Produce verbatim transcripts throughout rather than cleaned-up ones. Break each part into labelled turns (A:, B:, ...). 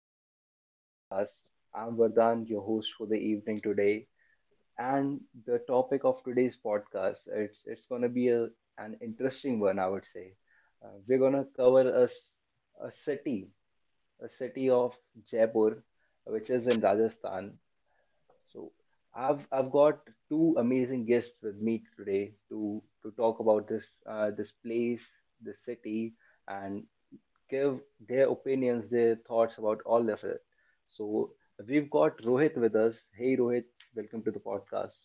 A: welcome back to the podcast. I'm Vardhan, your host for the evening today, and the topic of today's podcast it's it's gonna be a, an interesting one, I would say. Uh, we're gonna cover a s- a city, a city of Jaipur, which is in Rajasthan. So, I've I've got two amazing guests with me today to to talk about this uh, this place, this city, and give their opinions, their thoughts about all of it. So we've got Rohit with us. Hey, Rohit, welcome to the podcast.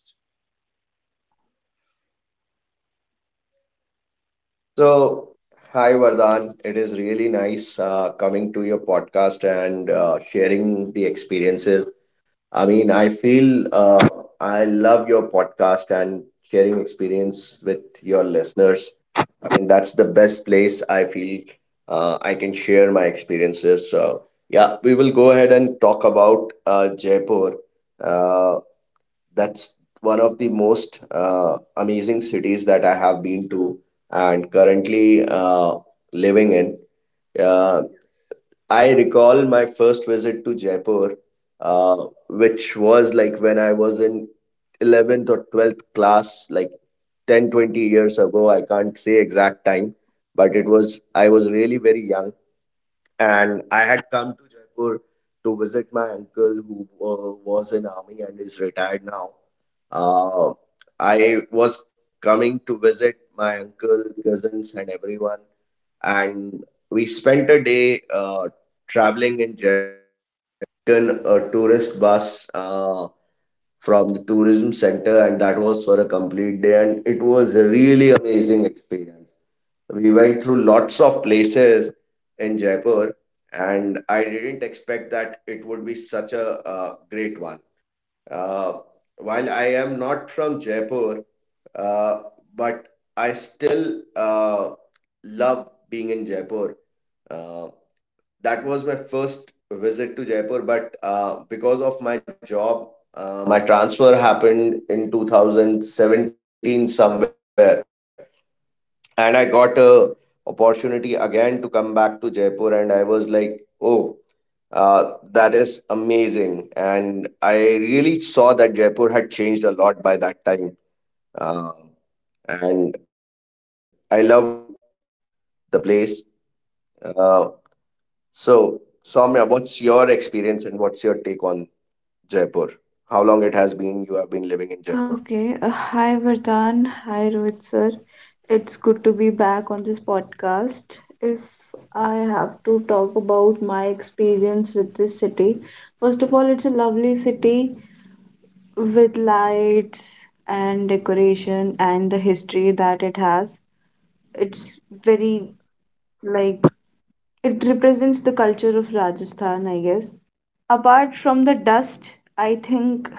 B: So, Hi Vardhan. It is really nice uh, coming to your podcast and uh, sharing the experiences. I mean, I feel uh, I love your podcast and sharing experience with your listeners. I mean, that's the best place I feel uh, I can share my experiences. So, yeah, we will go ahead and talk about uh, Jaipur. Uh, that's one of the most uh, amazing cities that I have been to and currently uh, living in. Uh,
A: Yes.
B: I recall my first visit to Jaipur, uh, which was like when I was in eleventh or twelfth class, like ten twenty years ago. I can't say exact time, but it was, I was really very young, and I had come to Jaipur to visit my uncle who uh, was in army and is retired now. Uh, I was coming to visit my uncle, cousins, and everyone, and we spent a day uh, traveling in Jaipur, taken a tourist bus Uh, from the tourism center, and that was for a complete day, and it was a really amazing experience. We went through lots of places in Jaipur, and I didn't expect that it would be such a uh, great one. Uh, while I am not from Jaipur, uh, but I still uh, love being in Jaipur. Uh, that was my first visit to Jaipur, but uh, because of my job, uh, my transfer happened in two thousand seventeen somewhere, and I got a opportunity again to come back to Jaipur, and I was like, oh, uh, that is amazing, and I really saw that Jaipur had changed a lot by that time, uh, and I loved the place. Uh, so, Soumya, what's your experience and what's your take on Jaipur? How long it has been you have been living in Jaipur?
C: Okay. Uh, hi, Vardhan. Hi, Rohit sir. It's good to be back on this podcast. If I have to talk about my experience with this city, first of all, it's a lovely city with lights and decoration and the history that it has. It's very like it represents the culture of Rajasthan, I guess. Apart from the dust, I think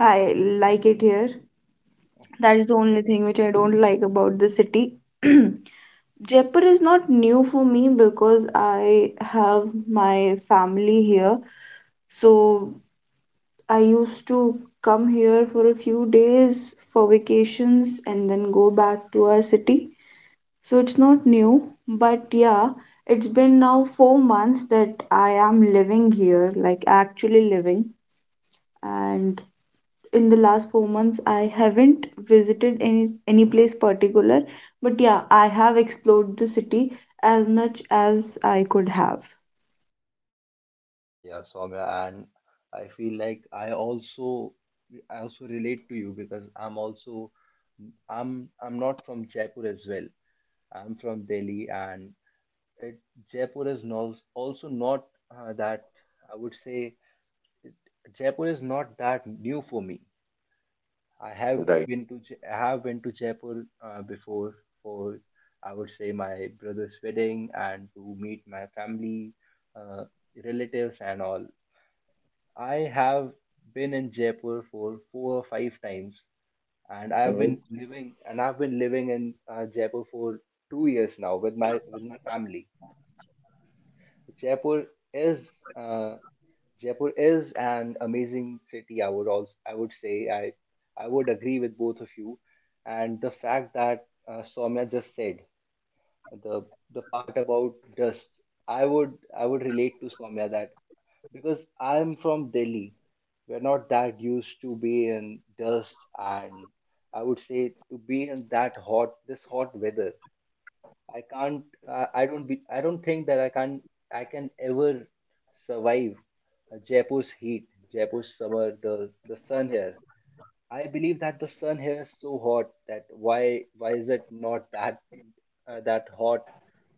C: I like it here. That is the only thing which I don't like about the city. Jaipur is not new for me because I have my family here. So I used to come here for a few days for vacations and then go back to our city. So it's not new, but yeah, it's been now four months that I am living here, like actually living. And in the last four months I haven't visited any any place particular, but yeah, I have explored the city as much as I could have.
A: Yeah, Soumya, and I feel like I also I also relate to you because I'm also I'm I'm not from Jaipur as well. I'm from Delhi, and it, Jaipur is no, also not uh, that I would say Jaipur is not that new for me. I have been to J- I
B: Right.
A: have been to Jaipur uh, before for I would say my brother's wedding and to meet my family, uh, relatives and all. I have been in Jaipur for four or five times, and I have been living and I've
B: Mhm.
A: been living in uh, Jaipur for two years now with my with my family. Jaipur is uh, Jaipur is an amazing city. I would also, I would say, I, I would agree with both of you, and the fact that uh, Soumya just said the the part about dust, I would, I would relate to Soumya that because I'm from Delhi, we're not that used to be in dust and I would say to be in that hot, this hot weather. I can't. Uh, I don't. Be, I don't think that I can. I can ever survive uh, Jaipur's heat, Jaipur's summer, the the sun here. I believe that the sun here is so hot that why why is it not that uh, that hot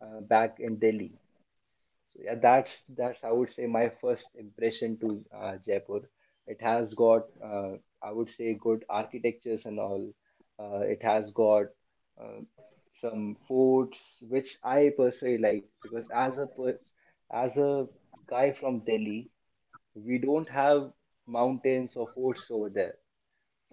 A: uh, back in Delhi? So yeah, that's that's I would say my first impression to uh, Jaipur. It has got uh, I would say good architectures and all. Uh, it has got uh, some foods which I personally like because as a pers- as a guy from Delhi, we don't have mountains or forts over there.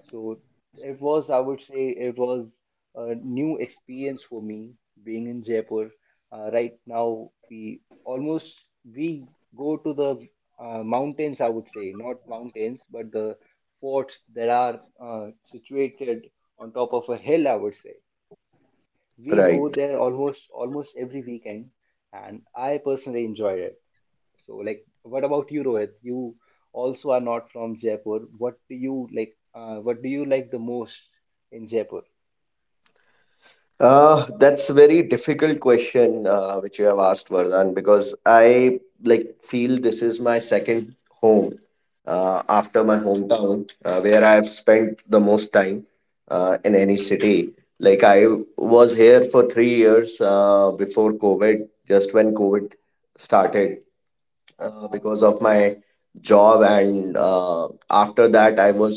A: So it was, I would say, it was a new experience for me being in Jaipur. Uh, right now, we almost we go to the uh, mountains. I would say not mountains, but the forts that are uh, situated on top of a hill. I would say we go
B: Right.
A: there almost almost every weekend, and I personally enjoyed it. So, like, what about you, Rohit? You also are not from Jaipur. What do you like? Uh, what do you like the most in Jaipur?
B: Uh, that's a very difficult question uh, which you have asked, Vardhan, because I like feel this is my second home uh, after my hometown, uh, where I have spent the most time uh, in any city. Like I was here for three years uh, before COVID, just when COVID started, uh, because of my job, and uh, after that I was,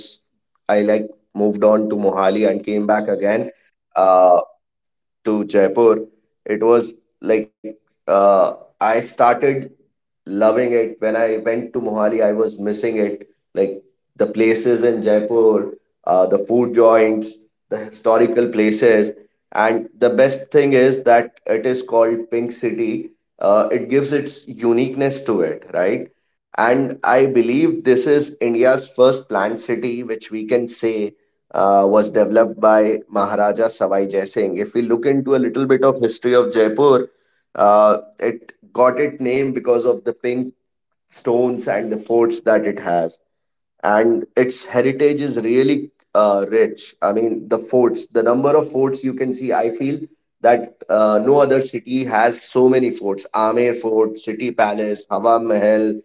B: i like moved on to Mohali and came back again. Uh, to Jaipur, it was like, uh, I started loving it when I went to Mohali. I was missing it, like the places in Jaipur, uh, the food joints, the historical places, and the best thing is that it is called Pink City. Uh, it gives its uniqueness to it, right? And I believe this is India's first planned city, which we can say uh, was developed by Maharaja Savai Jai Singh. If we look into a little bit of history of Jaipur, uh, it got its name because of the pink stones and the forts that it has, and its heritage is really uh, rich. I mean, the forts, the number of forts you can see, I feel that uh, no other city has so many forts. Amer Fort, City Palace, Hawa Mahal,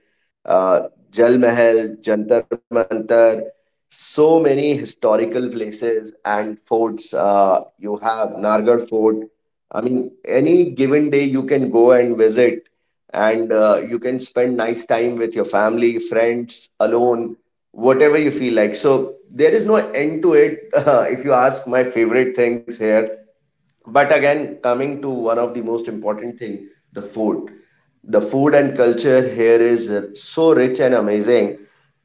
B: uh, Jal Mahal, Jantar Mantar, so many historical places and forts. Uh, you have Nargar Fort. I mean, any given day you can go and visit, and uh, you can spend nice time with your family, friends, alone, whatever you feel like. So there is no end to it. If you ask my favorite things here, but again coming to one of the most important thing, the food, the food and culture here is uh, so rich and amazing.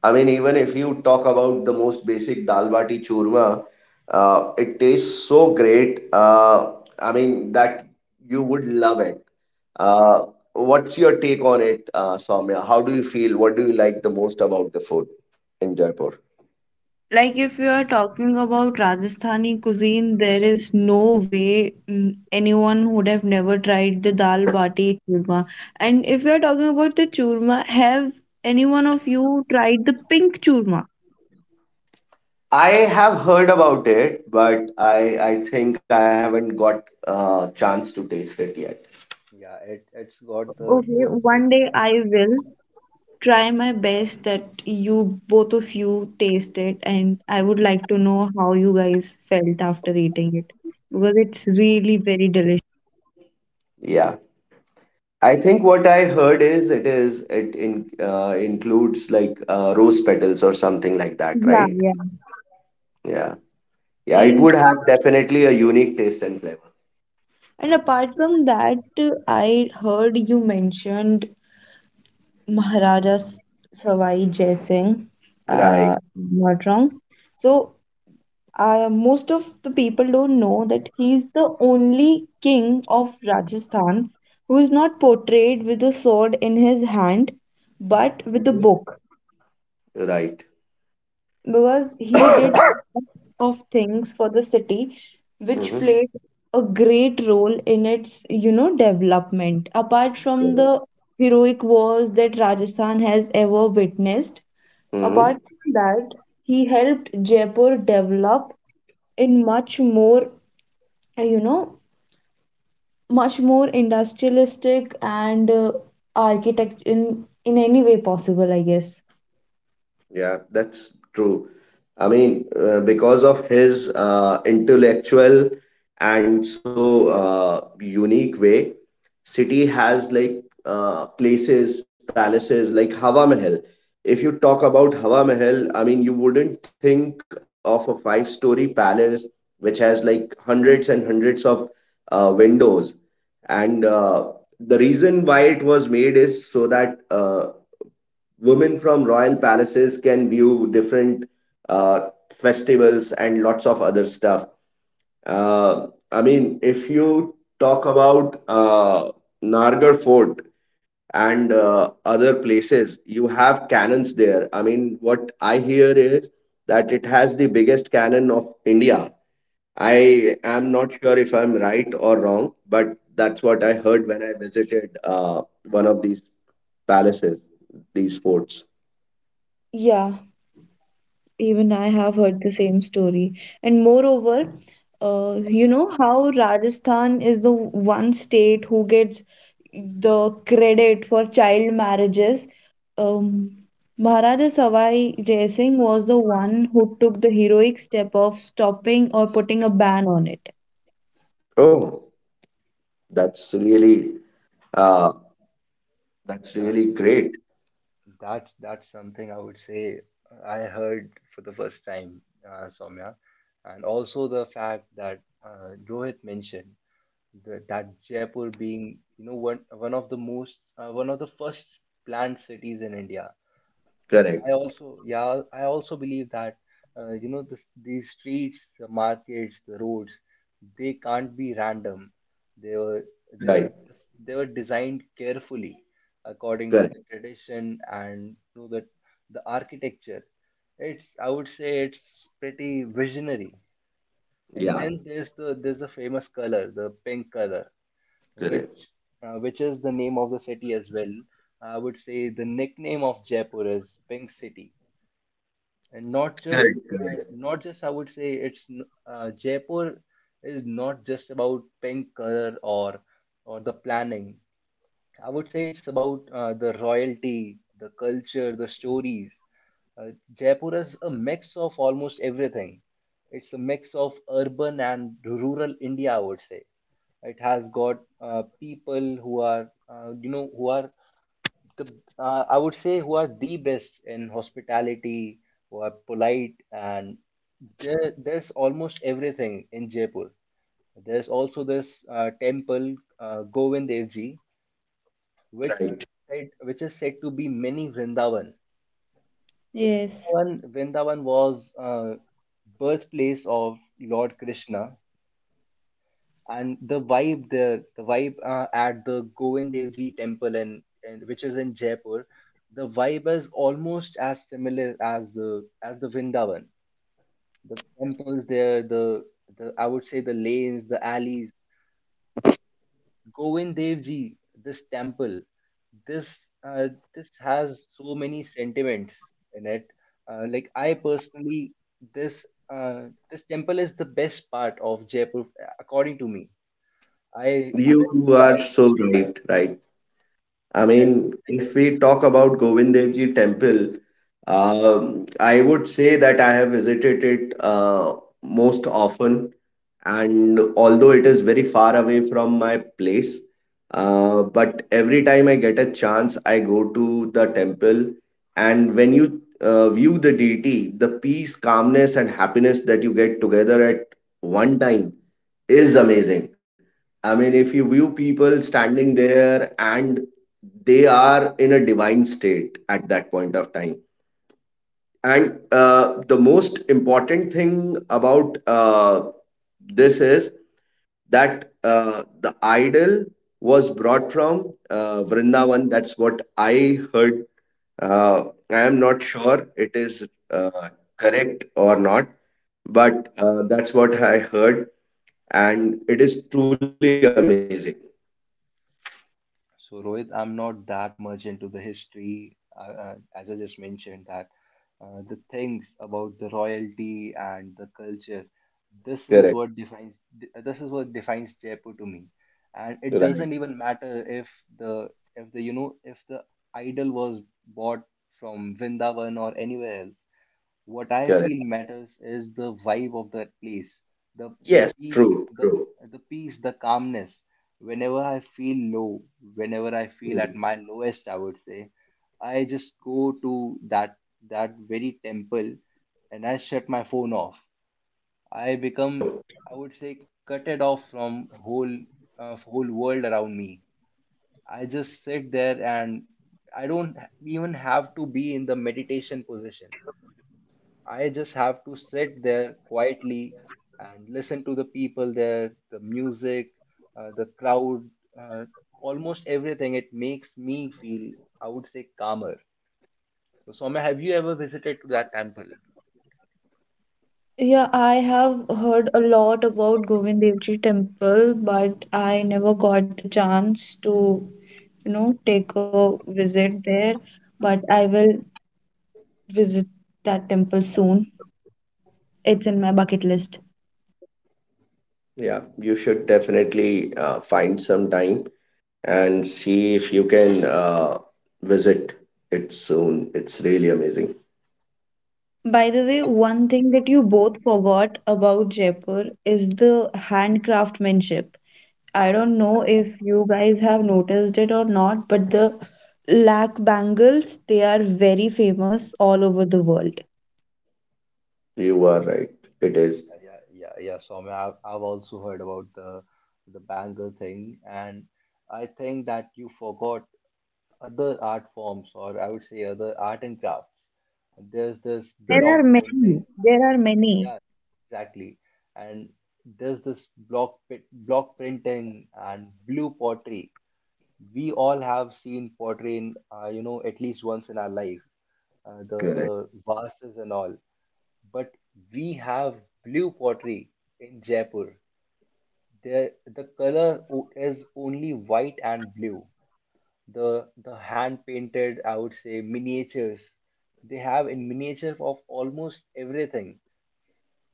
B: I mean, even if you talk about the most basic dal bati churma, uh, it tastes so great. uh, I mean that you would love it. uh, what's your take on it, uh, Soumya? How do you feel? What do you like the most about the food in Jaipur?
C: Like, if you are talking about Rajasthani cuisine, there is no way mm, anyone would have never tried the dal bati churma. And if you are talking about the churma, have any one of you tried the pink churma?
B: I have heard about it, but I I think I haven't got a chance to taste it yet.
A: Yeah, it it's got the
C: Okay,
A: rose flavor.
C: one day I will try my best that you both of you taste it, and I would like to know how you guys felt after eating it because it's really very delicious.
B: Yeah. I think what I heard is it is it in uh, includes like uh, rose petals or something like that,
C: Yeah,
B: right?
C: yeah.
B: Yeah. Yeah, it
C: And
B: would have definitely a unique taste and flavor.
C: and apart from that, uh, I heard you mentioned Maharaja S- Sawai Jai Singh.
B: Right.
C: Uh, not wrong. So uh, most of the people don't know that he's the only king of Rajasthan who is not portrayed with a sword in his hand but with a
B: Mhm.
C: book,
B: Right.
C: because he did a lot of things for the city which played a great role in its, you know, development, apart from the
B: Mm-hmm.
C: heroic wars that Rajasthan has ever witnessed. Apart from that, he helped Jaipur develop in much more, you know, much more industrialistic and uh, architect in in any way possible, I guess.
B: Yeah, that's true. I mean, uh, because of his uh, intellectual and so uh, unique way, city has like uh, places, palaces like Hawa Mahal. If you talk about Hawa Mahal, I mean, you wouldn't think of a five-story palace which has like hundreds and hundreds of uh, windows. And uh, the reason why it was made is so that uh, women from royal palaces can view different uh, festivals, lots of other stuff. Uh, I mean, if you talk about uh, Nargar Fort and uh, other places, you have cannons there. I mean, what I hear is that it has the biggest cannon of India. I am not sure if I'm right or wrong, but that's what I heard when I visited uh, one of these palaces, these forts.
C: Yeah, even I have heard the same story. And moreover, uh, you know how Rajasthan is the one state who gets the credit for child marriages, um, Maharaja Savai Jai Singh was the one who took the heroic step of stopping or putting a ban on it.
B: Oh. That's really uh that's
A: Yeah,
B: really great.
A: that's that's something I would say I heard for the first time, uh, Soumya, and also the fact that uh, Rohit mentioned the, that Jaipur being you know one one of the most uh, one of the first planned cities in India.
B: Correct.
A: I also, yeah, I also believe that uh, you know this, these streets, the markets, the roads, they can't be random. They were they were
B: Right.
A: just, they were designed carefully according to
B: Correct.
A: the tradition and to the the architecture. It's I would say it's pretty visionary. And
B: Yeah.
A: then there's the there's the famous color, the pink color, which
B: Correct.
A: uh, which is the name of the city as well. I would say the nickname of Jaipur is Pink City and not just
B: Correct.
A: uh,
B: Correct.
A: not just I would say it's n- uh, Jaipur is not just about pink color or or the planning. I would say it's about uh, the royalty, the culture, the stories. Uh, Jaipur is a mix of almost everything. It's a mix of urban and rural India, I would say. It has got uh, people who are, uh, you know, who are the uh, I would say who are the best in hospitality, who are polite, and there there's almost everything in Jaipur. There's also this uh, temple uh, Govind Dev Ji, which
B: Right.
A: said, which is said to be mini Vrindavan. So
C: Yes.
A: Vrindavan, Vrindavan was uh, birthplace of Lord Krishna, and the vibe there, the vibe uh, at the Govind temple and, and which is in Jaipur, the vibe is almost as similar as the as the Vrindavan. The temples there, the the I would say the lanes, the alleys. Govind this temple, this uh, this has so many sentiments in it. Uh, like I personally, this uh, this temple is the best part of Jaipur, according to me. I
B: You
A: whenever
B: are so right. Right. I
A: Yeah,
B: mean,
A: right.
B: if we talk about Govind Dev Ji temple, um, I would say that I have visited it uh, most often. And although it is very far away from my place, uh, but every time I get a chance, I go to the temple. And when you uh, view the deity, the peace, calmness, and happiness that you get together at one time is amazing. I mean, if you view people standing there, and they are in a divine state at that point of time. And
A: Yeah.
B: uh, the most important thing about uh, this is that uh, the idol was brought from uh, Vrindavan. That's what I heard. Uh, I am not sure it is uh, correct or not, but uh, that's what I heard. And it is truly amazing.
A: So Rohit, I'm not that much into the history, uh, uh, as I just mentioned that uh, the things about the royalty and the culture, this is
B: Correct.
A: what defines this is what defines Jaipur to me. And it
B: Right.
A: doesn't even matter if the if the you know if the idol was bought from Vrindavan or anywhere else. What I feel
B: Correct.
A: matters is the vibe of that place, the the
B: Yes.
A: peace,
B: True.
A: the
B: True.
A: the peace, the calmness. Whenever I feel low, whenever I feel at
B: Mm.
A: my lowest, I would say, I just go to that that very temple and I shut my phone off. I become, I would say, cutted off from whole uh, whole world around me. I just sit there and I don't even have to be in the meditation position. I just have to sit there quietly and listen to the people there, the music, uh, the crowd, uh, almost everything. It makes me feel, I would say, calmer. So, Soumya, have you ever visited to that temple?
C: Yeah, I have heard a lot about Govind Dev Ji temple, but I never got the chance to, you know, take a visit there. But I will visit that temple soon. It's in my bucket list.
B: Yeah, you should definitely uh, find some time and see if you can uh, visit it soon. It's really amazing.
C: By the way, one thing that you both forgot about Jaipur is the handcraftsmanship. I don't know if you guys have noticed it or not, but the lakh bangles, they are very famous all over the world.
B: You are right. It is.
A: Yeah, yeah, yeah. Soumya, I've, I've also heard about the the bangle thing, and I think that you forgot other art forms, or I would say other art and crafts. There's
C: Yeah,
A: this
C: there are
A: block
B: Correct,
A: printing.
C: many. There are many.
A: Yeah, exactly. And there's this block pi- block printing and blue pottery. We all have seen pottery in, uh, you know, at least once in our life, uh, the
B: correct,
A: vases and all. But we have blue pottery in Jaipur. There, the color o- is only white and blue. The the hand painted, I would say, miniatures. They have in miniature of almost everything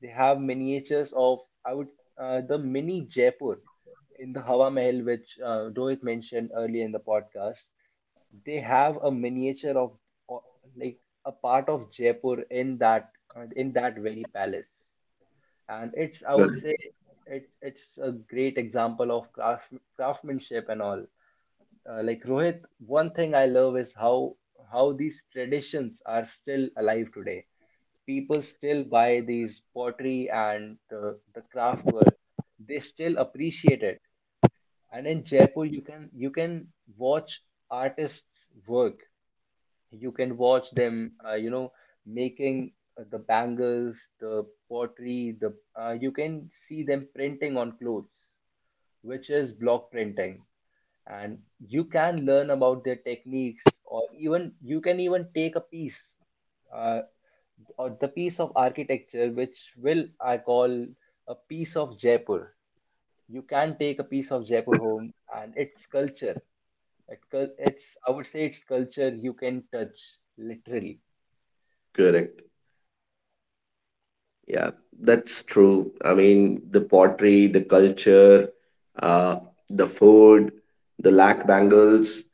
A: they have miniatures of I would uh, the mini Jaipur in the Hawa Mahal, which uh, Rohit mentioned earlier in the podcast. They have a miniature of o- like a part of Jaipur in that uh, in that very palace, and it's I would say
B: correct.
A: it, it's a great example of crafts craftsmanship and all. Uh, like Rohit, one thing I love is how how these traditions are still alive today. People still buy these pottery and the, the craft work. They still appreciate it. And in Jaipur, you can you can watch artists work, you can watch them uh, you know making uh, the bangles, the pottery, the uh, you can see them printing on clothes which is block printing, and you can learn about their techniques or even you can even take a piece uh, or the piece of architecture which will I call a piece of Jaipur. You can take a piece of Jaipur home and its culture. it, cul- it's I would say its culture you can touch literally.
B: Correct. Yeah, that's true. I mean, the pottery, the culture, uh, the food, the lac bangles.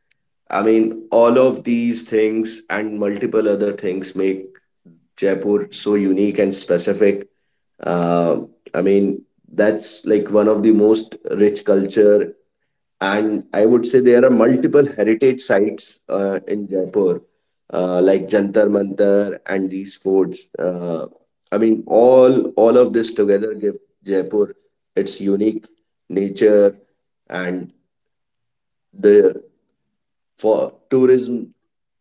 B: I mean, all of these things and multiple other things make Jaipur so unique and specific. Uh, I mean, that's like one of the most rich culture, and I would say there are multiple heritage sites uh, in Jaipur, uh, like Jantar Mantar and these forts. Uh, I mean, all all of this together give Jaipur its unique nature, and the for tourism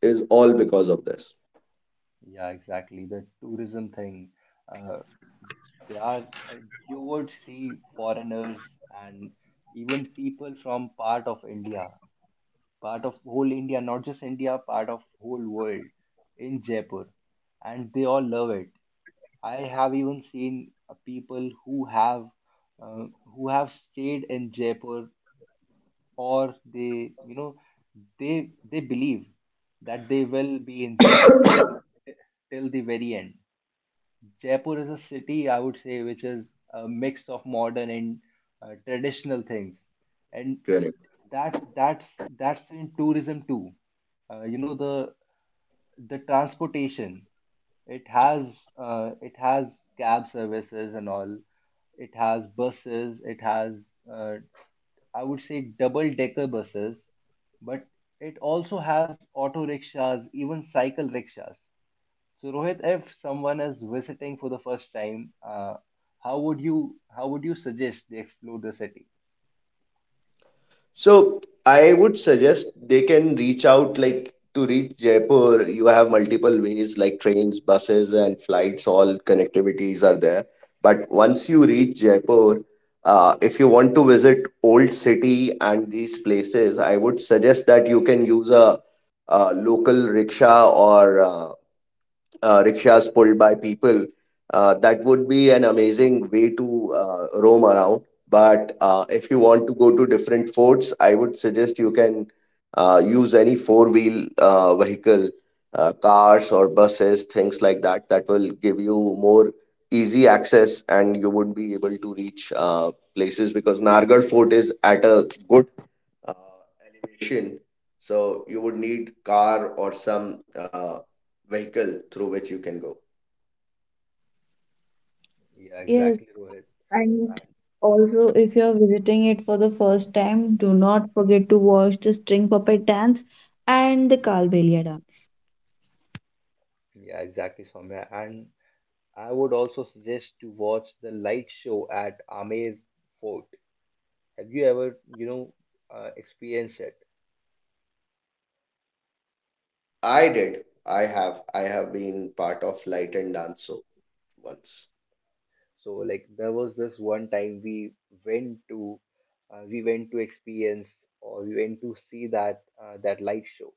B: is all because of this.
A: Yeah, exactly. The tourism thing. Uh, there are, uh, you would see foreigners and even people from part of India, part of whole India, not just India, part of whole world in Jaipur, and they all love it. I have even seen uh, people who have uh, who have stayed in Jaipur or they, you know, they they believe that they will be in Jaipur till the till the very end. Jaipur is a city, I would say, which is a mix of modern and uh, traditional things, and
B: Correct.
A: that that's that's in tourism too. Uh, you know the the transportation. It has uh, it has cab services and all. It has buses. It has uh, I would say double decker buses, but it also has auto rickshaws, even cycle rickshaws. So Rohit, if someone is visiting for the first time, uh, how would you how would you suggest they explore the city?
B: So I would suggest they can reach out, like to reach Jaipur. You have multiple ways like trains, buses, and flights. All connectivities are there. But once you reach Jaipur, uh, if you want to visit old city and these places, I would suggest that you can use a, uh local rickshaw or uh, uh, rickshaws pulled by people. Uh, that would be an amazing way to uh, roam around. But uh, if you want to go to different forts, I would suggest you can uh, use any four wheel uh, vehicle, uh, cars or buses, things like that. That will give you more easy access, and you would be able to reach uh, places because Nargarh Fort is at a good uh, elevation. So you would need car or some uh, vehicle through which you can go.
A: Yeah,
C: Yes,
A: exactly, Rohit.
C: and also if you're visiting it for the first time, do not forget to watch the string puppet dance and the Kalbelia dance.
A: Yeah, exactly, Soumya. And I would also suggest to watch the light show at Amer Fort. Have you ever, you know, uh, experienced it?
B: I did. I have. I have been part of light and dance show once.
A: So, like, there was this one time we went to, uh, we went to experience or we went to see that uh, that light show.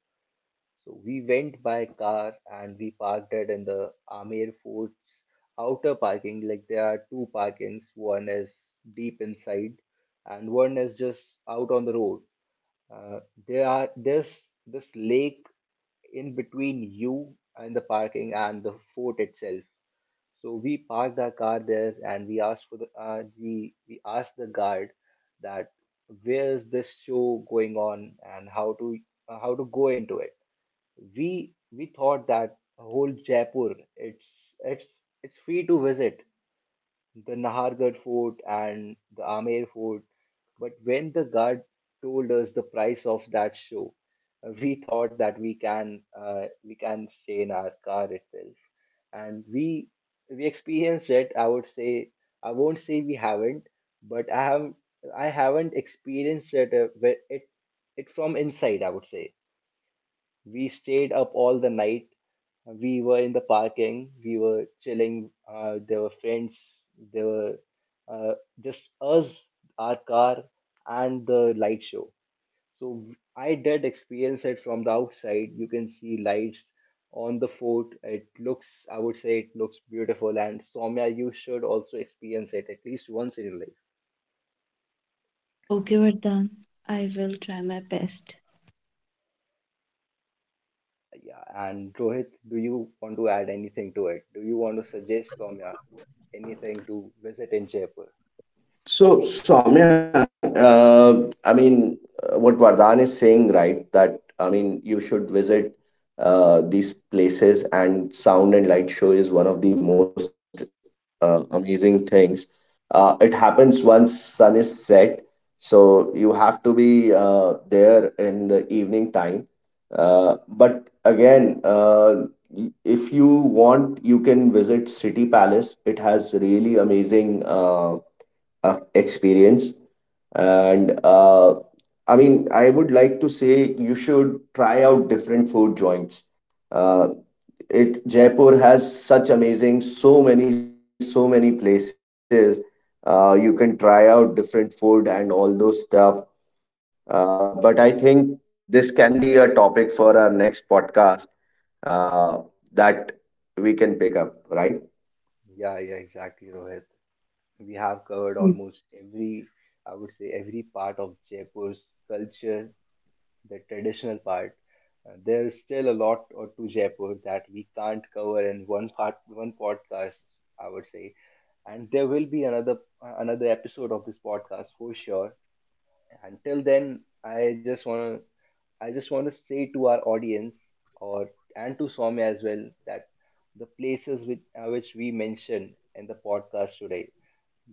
A: So we went by car and we parked it in the Amir Fort's outer parking. Like there are two parkings, one is deep inside and one is just out on the road. Uh, there are there's this lake in between you and the parking and the fort itself. So we parked our car there and we asked for the uh, we we asked the guard that where is this show going on and how to uh, how to go into it. We we thought that whole Jaipur, it's it's it's free to visit the Nahargarh fort and the Amer fort. But when the guard told us the price of that show, uh, we thought that we can uh, we can stay in our car itself, and we we experienced it. I would say I won't say we haven't, but I have I haven't experienced it uh, where- it it from inside. I would say we stayed up all the night. We were in the parking. We were chilling. Uh, there were friends. There were uh, just us, our car, and the light show. So I did experience it from the outside. You can see lights on the fort. It looks, I would say, it looks beautiful. And Soumya, you should also experience it at least once in your life.
C: Okay, Vardhan. I will try my best.
A: Yeah, and Rohit, do you want to add anything to it? Do you want to suggest Soumya anything to visit in Jaipur?
B: So, Soumya, uh, I mean, uh, what Vardhan is saying, right? That I mean, you should visit uh, these places, and sound and light show is one of the most uh, amazing things. Uh, it happens once sun is set, so you have to be uh, there in the evening time. Uh, but again, uh, y- if you want, you can visit City Palace. It has really amazing Uh, of experience. And uh, I mean, I would like to say you should try out different food joints. Uh, it Jaipur has such amazing, so many so many places. Uh, you can try out different food and all those stuff. Uh, but I think this can be a topic for our next podcast, uh, that we can pick up, right?
A: Yeah, yeah, exactly, Rohit. We have
C: Okay.
A: covered almost every, I would say, every part of Jaipur's culture, the traditional part. Uh, there's still a lot or to Jaipur that we can't cover in one part, one podcast, I would say. And there will be another another episode of this podcast for sure. Until then, I just want to I just want to say to our audience or and to Swami as well that the places which, uh, which we mentioned in the podcast today,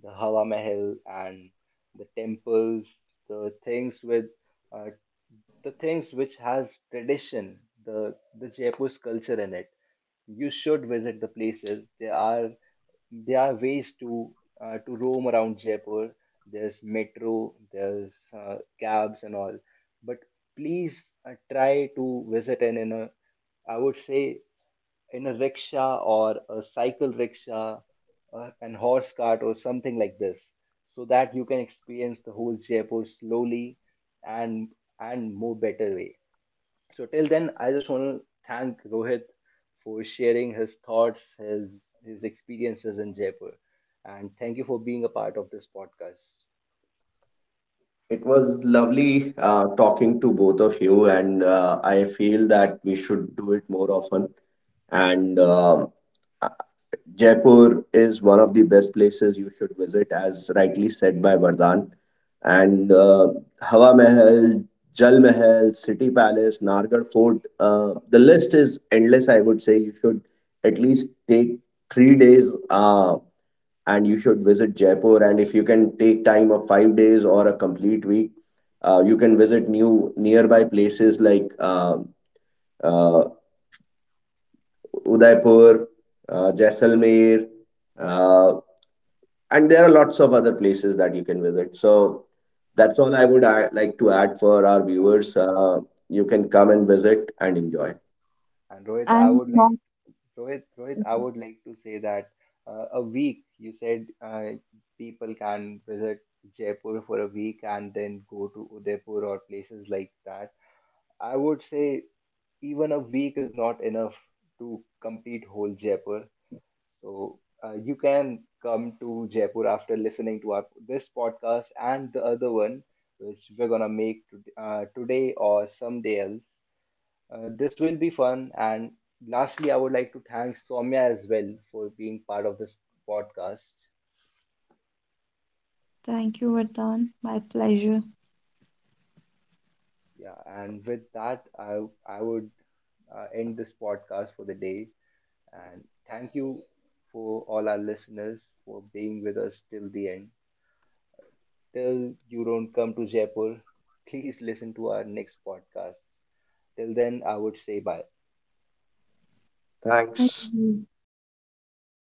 A: the Hawa Mahal and the temples, the things with uh, the things which has tradition, the the Jaipur's culture in it. You should visit the places. They are there are ways to uh, to roam around Jaipur. There's metro, there's uh, cabs and all. But please uh, try to visit and in a I would say in a rickshaw or a cycle rickshaw uh, and horse cart or something like this, so that you can experience the whole Jaipur slowly and and more better way. So till then, I just want to thank Rohit for sharing his thoughts, his his experiences in Jaipur, and thank you for being a part of this podcast.
B: It was lovely uh, talking to both of you, and uh, I feel that we should do it more often. And um, uh, Jaipur is one of the best places you should visit, as rightly said by Vardhan. And uh, Hawa Mahal, Jal Mahal, City Palace, Nargarh Fort, uh, the list is endless. I would say you should at least take three days. Uh, and you should visit Jaipur. And if you can take time of five days or a complete week, uh, you can visit new nearby places like uh, uh, Udaipur, uh, Jaisalmer, uh, and there are lots of other places that you can visit. So that's all I would add, like to add for our
A: Yeah,
B: viewers. Uh, you can come and visit and enjoy.
A: and Rohit, I
C: And
A: would
C: not.
A: like Rohit, Rohit, I would like to say that uh, a week you said uh, people can visit Jaipur for a week and then go to Udaipur or places like that. I would say even a week is not enough to complete whole Jaipur. So uh, you can come to Jaipur after listening to our, this podcast and the other one, which we're gonna make to, uh, today or someday else. Uh, this will be fun. And lastly, I would like to thank Soumya as well for being part of this podcast.
C: Thank you, Vardhan. My pleasure.
A: Yeah, and with that, I I would uh, end this podcast for the day. And thank you for all our listeners for being with us till the end. Till you don't come to Jaipur, please listen to our next podcast. Till then, I would say bye.
B: Thanks.
C: Bye.